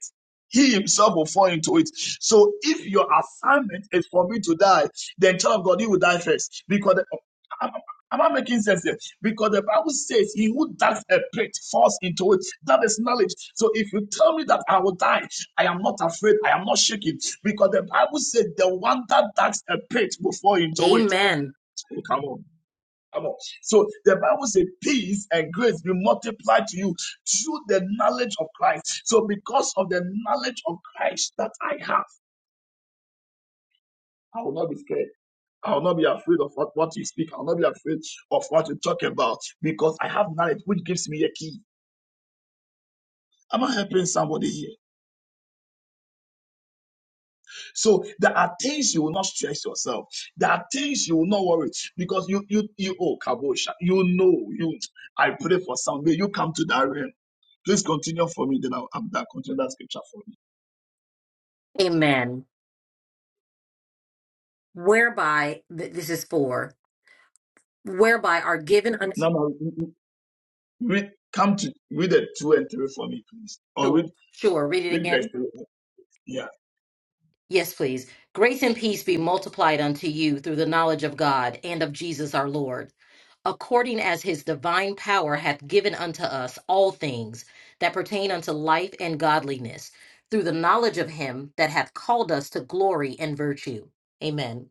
he himself will fall into it. So if your assignment is for me to die, then child of God, you will die first. Because the, am, am I making sense here? Because the Bible says he who digs a pit falls into it. That is knowledge. So if you tell me that I will die, I am not afraid, I am not shaking. Because the Bible said the one that digs a pit will fall into it.
Amen.
Oh, come on. Come on. So the Bible says, Peace and grace be multiplied to you through the knowledge of Christ. So, because of the knowledge of Christ that I have, I will not be scared. I will not be afraid of what, what you speak. I will not be afraid of what you talk about because I have knowledge which gives me a key. Am I helping somebody here? So there are things you will not stress yourself. There are things you will not worry because you you you oh kabosha you know you. I pray for some may you come to that realm. Please continue for me. Then I'll, I'm Continue that scripture for me.
Amen. Whereby, th- this is for, whereby are given unto,
Now ma, read come to read the two and three for me, please, or
sure,
read
sure, read it
read verse
again.
three. Yeah.
Yes, please. Grace and peace be multiplied unto you through the knowledge of God and of Jesus our Lord, according as his divine power hath given unto us all things that pertain unto life and godliness, through the knowledge of him that hath called us to glory and virtue. Amen.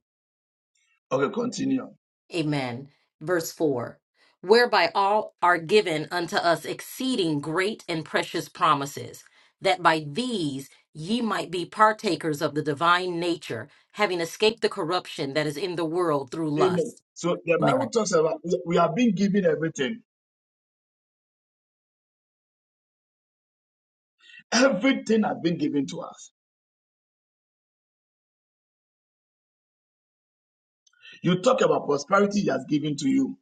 Okay. Continue.
Amen. Verse 4 Whereby all are given unto us exceeding great and precious promises, that by these ye might be partakers of the divine nature, having escaped the corruption that is in the world through
Amen.
lust.
So the Bible
Amen.
talks about we have been given everything. Everything has been given to us. You talk about prosperity he has given to you.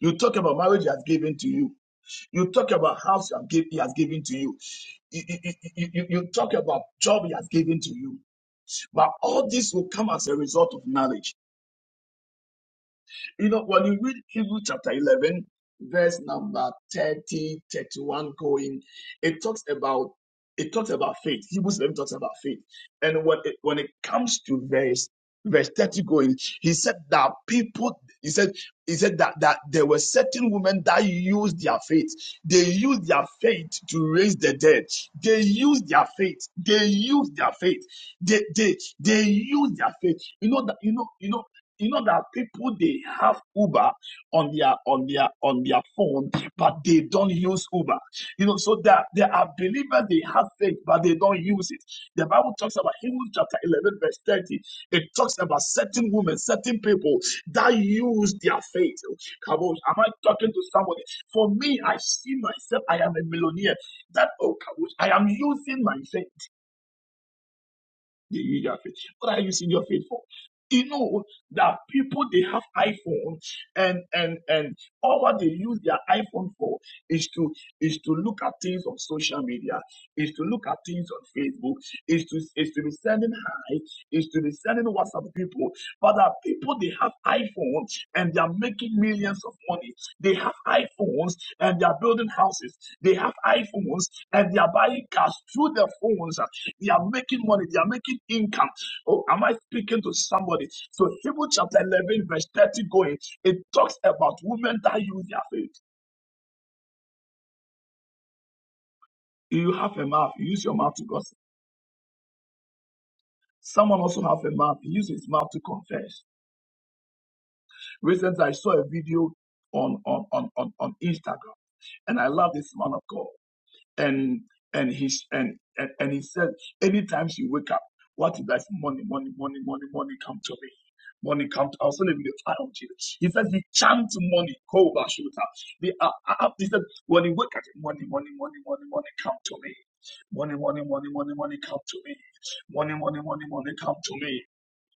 You talk about marriage he has given to you. You talk about house he has given to you. You, you, you, you you talk about job he has given to you. But all this will come as a result of knowledge. You know, when you read Hebrew chapter 11, verse number 30 31, going, it talks about it talks about faith. Hebrews 11 talks about faith. And when it, when it comes to verse verse 30 going, he said that people, he said, he said that, that there were certain women that used their faith. They used their faith to raise the dead. They used their faith. They used their faith. They, they, they used their faith. You know that, you know, you know, you know that people they have Uber on their on their on their phone, but they don't use Uber. You know, so that there are believers they have faith, but they don't use it. The Bible talks about Hebrews chapter eleven verse thirty. It talks about certain women, certain people that use their faith. Come on, am I talking to somebody? For me, I see myself. I am a millionaire. That oh, come on, I am using my faith. You, you are faith. What are you using your faith for? You know that people they have iPhone and and and all what they use their iPhone for is to is to look at things on social media, is to look at things on Facebook, is to is to be sending hi, is to be sending WhatsApp people. But that people they have iPhones and they are making millions of money. They have iPhones and they are building houses. They have iPhones and they are buying cars through their phones. They are making money. They are making income. Oh, am I speaking to somebody? So Hebrew chapter 11, verse 30 going, it talks about women that use their faith. You have a mouth. You use your mouth to gossip. Someone also have a mouth. He uses his mouth to confess. Recently, I saw a video on, on, on, on, on Instagram, and I love this man of God. and and he and, and and he said, anytime you wake up, what is if money, money, money, money, money come to me? Money come to also living the fire of Jesus. He says he chants money, cold shooter. The uh, uh, uh, he said when he wake up, money, money, money, money, money come to me. Money, money, money, money, money come to me. Money, money, money, money come to me.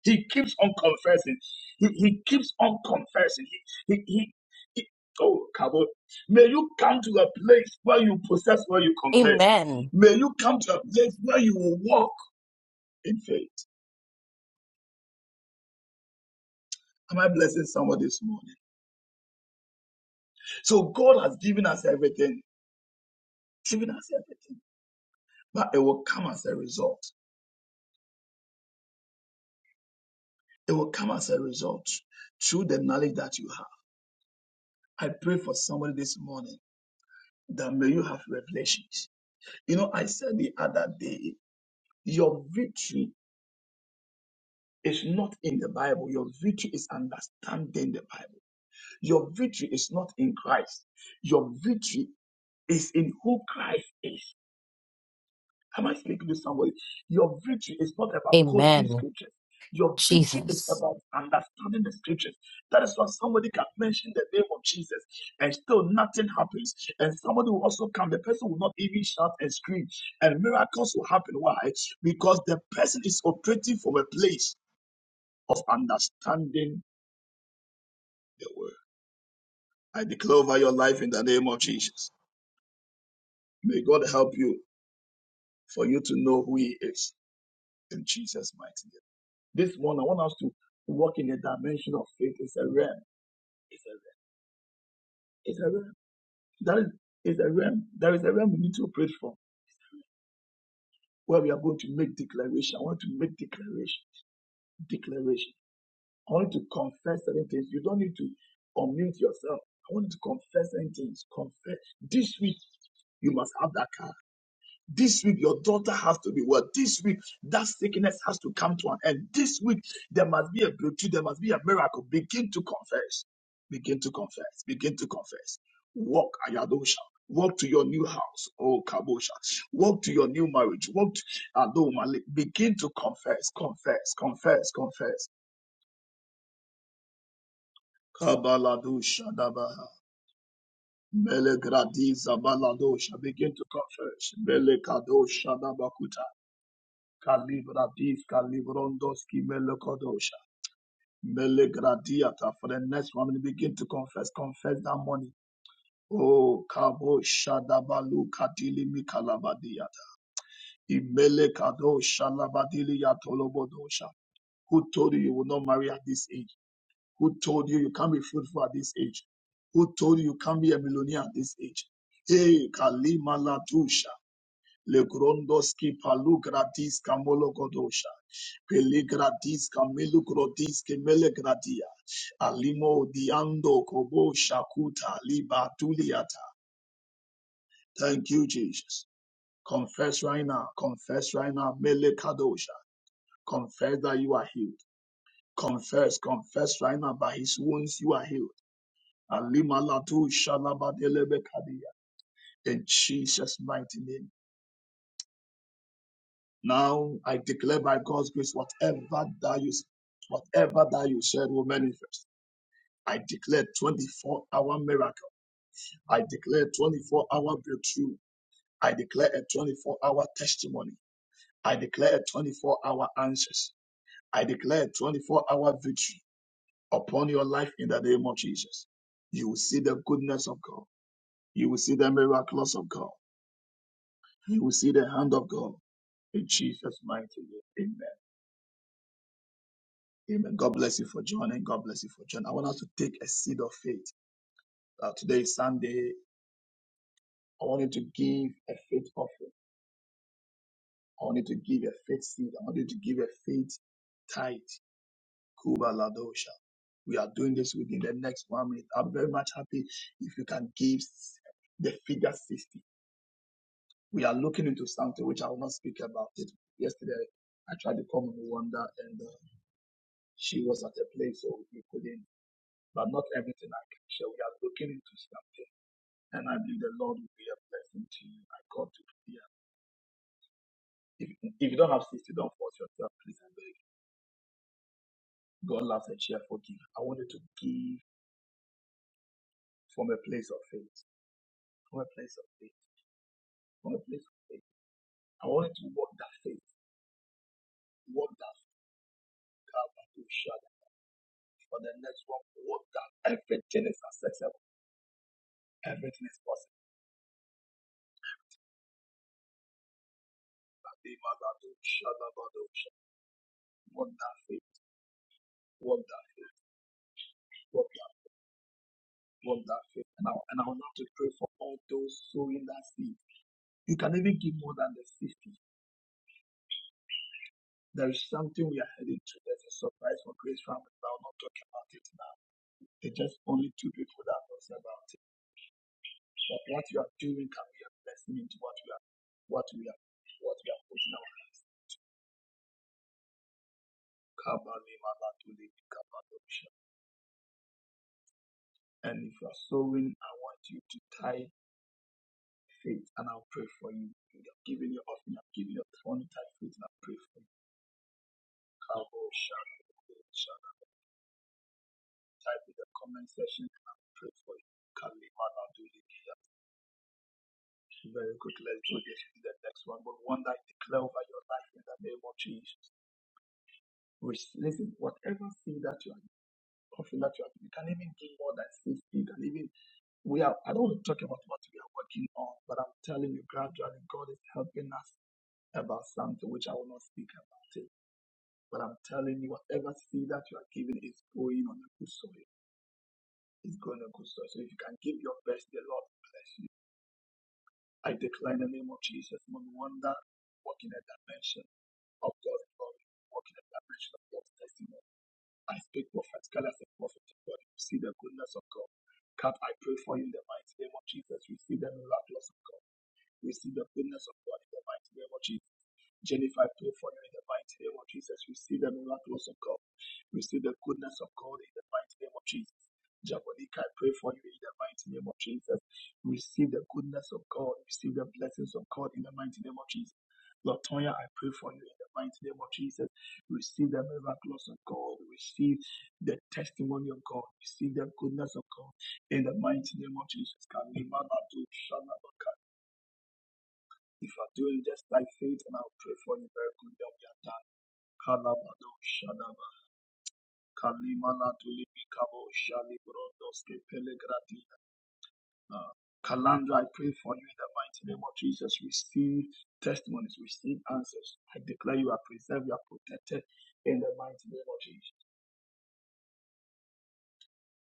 He keeps on confessing. He, he keeps on confessing. He, he, he, he- oh, Kabo, may you come to a place where you possess where you confess.
Amen.
May you come to a place where you will walk in faith. Am I blessing someone this morning? So God has given us everything, given us everything, but it will come as a result. It will come as a result through the knowledge that you have. I pray for somebody this morning that may you have revelations. You know, I said the other day Your victory is not in the Bible. Your victory is understanding the Bible. Your victory is not in Christ. Your victory is in who Christ is. Am I speaking to somebody? Your victory is not about quoting
Amen.
scriptures. Your victory is
Jesus.
about understanding the scriptures. That is why somebody can mention the name of Jesus and still nothing happens. And somebody will also come, the person will not even shout and scream. And miracles will happen. Why? Because the person is operating from a place of understanding the word. I declare over your life in the name of Jesus. May God help you for you to know who He is in Jesus' mighty name. This morning, I want us to walk in the dimension of faith. It's a realm. It's a realm. It's a realm. That is, it's a realm. There is a realm we need to operate from where we are going to make declaration. I want to make declaration. Declaration. I want to confess certain things. You don't need to unmute yourself. I want to confess certain things. Confess. This week, you must have that car. This week, your daughter has to be well. This week, that sickness has to come to an end. This week, there must be a breakthrough. There must be a miracle. Begin to confess. Begin to confess. Begin to confess. Walk, Ayadosha. Walk to your new house, oh Kabosha. Walk to your new marriage. Walk to Adoma. Begin to confess, confess, confess, confess. Kabaladosha Dabaha. Melegradiza Baladosha. Begin to confess. Melekadosha Dabakuta. Kalibradis, Kalibrondoski, Melokotosha, Melegradiata. For the next one, we begin to confess. Confess that money. Oh, Kabo Shadabalu Kadili Mikalabadiata. Imele Kado Shalabadili Yatolobodosha. Who told you you will not marry at this age? Who told you you can't be fruitful at this age? Who told you you can't be a millionaire at this age? Hey, Kalima Latusha. Le grondoski palu gratis kamolo godosha. Pele gratis kamelu grotis kemele gratia. Alimo diando kobo shakuta liba tuliata. Thank you, Jesus. Confess right now. Confess right now. Mele kadosha. Confess that you are healed. Confess, confess right now. By his wounds you are healed. Alima latu shalaba delebe kadia. In Jesus' mighty name. Now I declare by God's grace, whatever that you whatever that you said will manifest. I declare 24 hour miracle. I declare 24 hour breakthrough. I declare a 24 hour testimony. I declare a 24 hour answers. I declare 24 hour victory upon your life in the name of Jesus. You will see the goodness of God. You will see the miracles of God. You will see the hand of God in Jesus' mighty name. Amen. Amen. God bless you for joining. God bless you for joining. I want us to take a seed of faith. Uh, today is Sunday. I want you to give a faith offering. I want you to give a faith seed. I want you to give a faith tithe. Kuba Ladosha. We are doing this within the next one minute. I'm very much happy if you can give the figure 60. We are looking into something which I will not speak about it. Yesterday, I tried to come on Wanda and uh, she was at a place so we couldn't, but not everything I can share. We are looking into something. And I believe the Lord will be a blessing to you. I got to yeah. If, if you don't have 60, don't force yourself, please and beg. God loves a cheerful giver. I wanted to give from a place of faith. From a place of faith. From a place of faith. I wanted to walk that faith. Walk that faith. out and to shut For the next one, walk that. Everything is accessible. Everything is possible. Be mad at you, shut up, but do shadow. Walk that faith. Walk that faith. Walk that, walk that faith. And I, and I want to pray for all those sowing that seed You can even give more than the 50. There is something we are heading to. There's a surprise for Grace Family, but I'll not talk about it now. It's just only two people that knows about it. But what you are doing can be a blessing into what we are, what we are, what we are pushing our hands. And if you are sowing, I want you to tie faith, and I'll pray for you. You have given your offering, I've given your twenty tie faith, and I'll pray for you. type in the comment section. I will pray for you. Kali Manaduliki. Very good. Let's do this in the next one. But one that I declare over your life in the name of Jesus. Which, listen, whatever seed that you are offering that you are, you can even give more than six. You can even we are I don't want to talk about what we are working on, but I'm telling you gradually God is helping us about something which I will not speak about it. But I'm telling you, whatever seed that you are giving is going on a good soil. It's going to go so. So if you can give your best, the Lord bless you. I declare in the name of Jesus, no wonder walk in a dimension of God's glory, walk in a dimension of God's testimony. I speak prophetically as a prophet of God. You see the goodness of God. God, I pray for you in the mighty name of Jesus. Receive the miracles of God. Receive the goodness of God in the mighty name of Jesus. Jennifer, I pray for you in the mighty name of Jesus. Receive the miracles of God. Receive the goodness of God in the mighty name of Jesus. Jabonica, I pray for you in the mighty name of Jesus. Receive the goodness of God. Receive the blessings of God in the mighty name of Jesus. Latoya, I pray for you in the mighty name of Jesus. Receive the miracles of God. Receive the testimony of God. Receive the goodness of God in the mighty name of Jesus. Kalima Badu Shalabaka. If I are doing just like faith, and I'll pray for you very good. Kalabado Shadaba Kalimana tulibi Kabo Shali Brondoske Pelegrati. Uh, Kalandra, I pray for you in the mighty name of Jesus. Receive testimonies, receive answers. I declare you are preserved, you are protected in the mighty name of Jesus.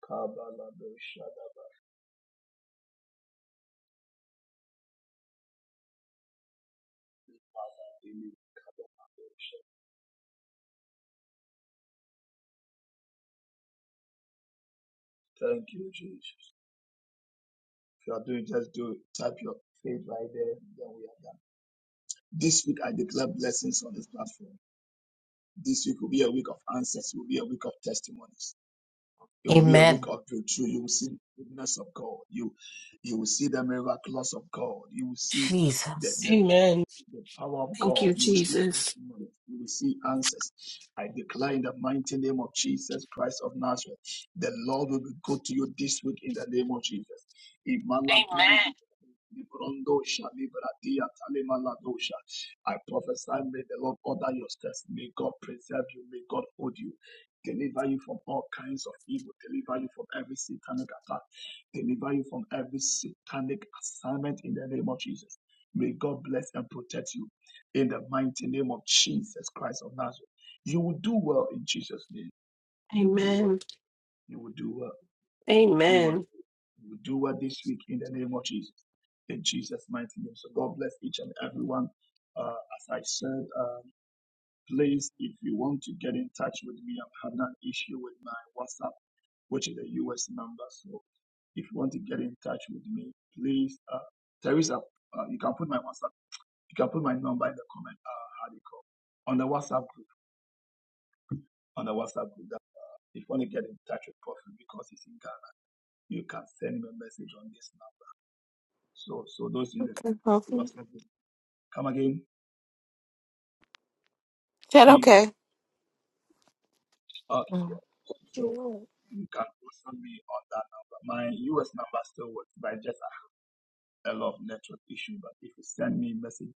Kabalado Shadaba Kaladili Kabalado Shadaba. Thank you, Jesus. If you are doing, just do it. Type your faith right there, then we are done. This week, I declare blessings on this platform. This week will be a week of answers. It will be a week of testimonies. It will be a week
Amen.
of breakthrough. You will see the goodness of God. You you will see the miracles of God. You will see the,
Jesus.
the,
Amen.
the power of
Thank
God.
you,
You will see
Jesus.
testimonies. You will see answers. I declare in the mighty name of Jesus Christ of Nazareth, the Lord will be good to you this week in the name of Jesus. Imala Librondosha, Libradia, Talimaladosha. I prophesy, may the Lord order your steps. May God preserve you. May God hold you. Deliver you from all kinds of evil. Deliver you from every satanic attack. Deliver you from every satanic assignment in the name of Jesus. May God bless and protect you in the mighty name of Jesus Christ of Nazareth. You will do well in Jesus' name.
Amen.
You will do well.
Amen.
You will do well. You will do
Amen.
well. You will do well this week in the name of Jesus. In Jesus' mighty name. So God bless each and everyone. Uh, as I said, um, please, if you want to get in touch with me, I'm having an issue with my WhatsApp, which is a US number. So if you want to get in touch with me, please, uh, Teresa, uh, you can put my WhatsApp. You can put my number in the comment. Uh, how do you call? On the WhatsApp group. On the WhatsApp group. That, uh, if you want to get in touch with Prophet because he's in Ghana, you can send him a message on this now. So, so those in the
Okay, okay. Is
WhatsApp group, come again.
that
T.
okay?
Okay. So
Mm.
you can WhatsApp me on that number. My US number still works, but I just have a lot of network issue. But if you send me a message.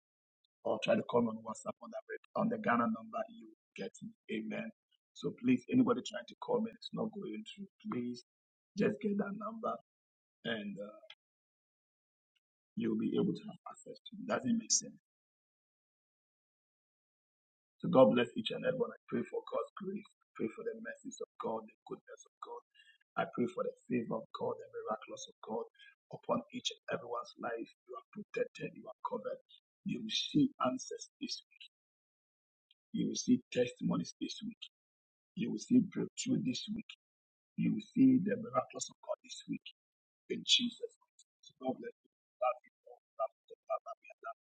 or try to call me on WhatsApp on that rep- on the Ghana number you will get me. Amen. So please, anybody trying to call me, it's not going through. Please just get that number and uh, you'll be able to have access to it. Doesn't make sense. So God bless each and everyone. I pray for God's grace. I pray for the mercies of God, the goodness of God. I pray for the favor of God, the miracles of God upon each and everyone's life. You are protected. You are covered. You will see answers this week. You will see testimonies this week You will see breakthrough this week. You will see the miracles of God this week in Jesus' name. So God bless you. Love you all. Love you. all. Love you. Love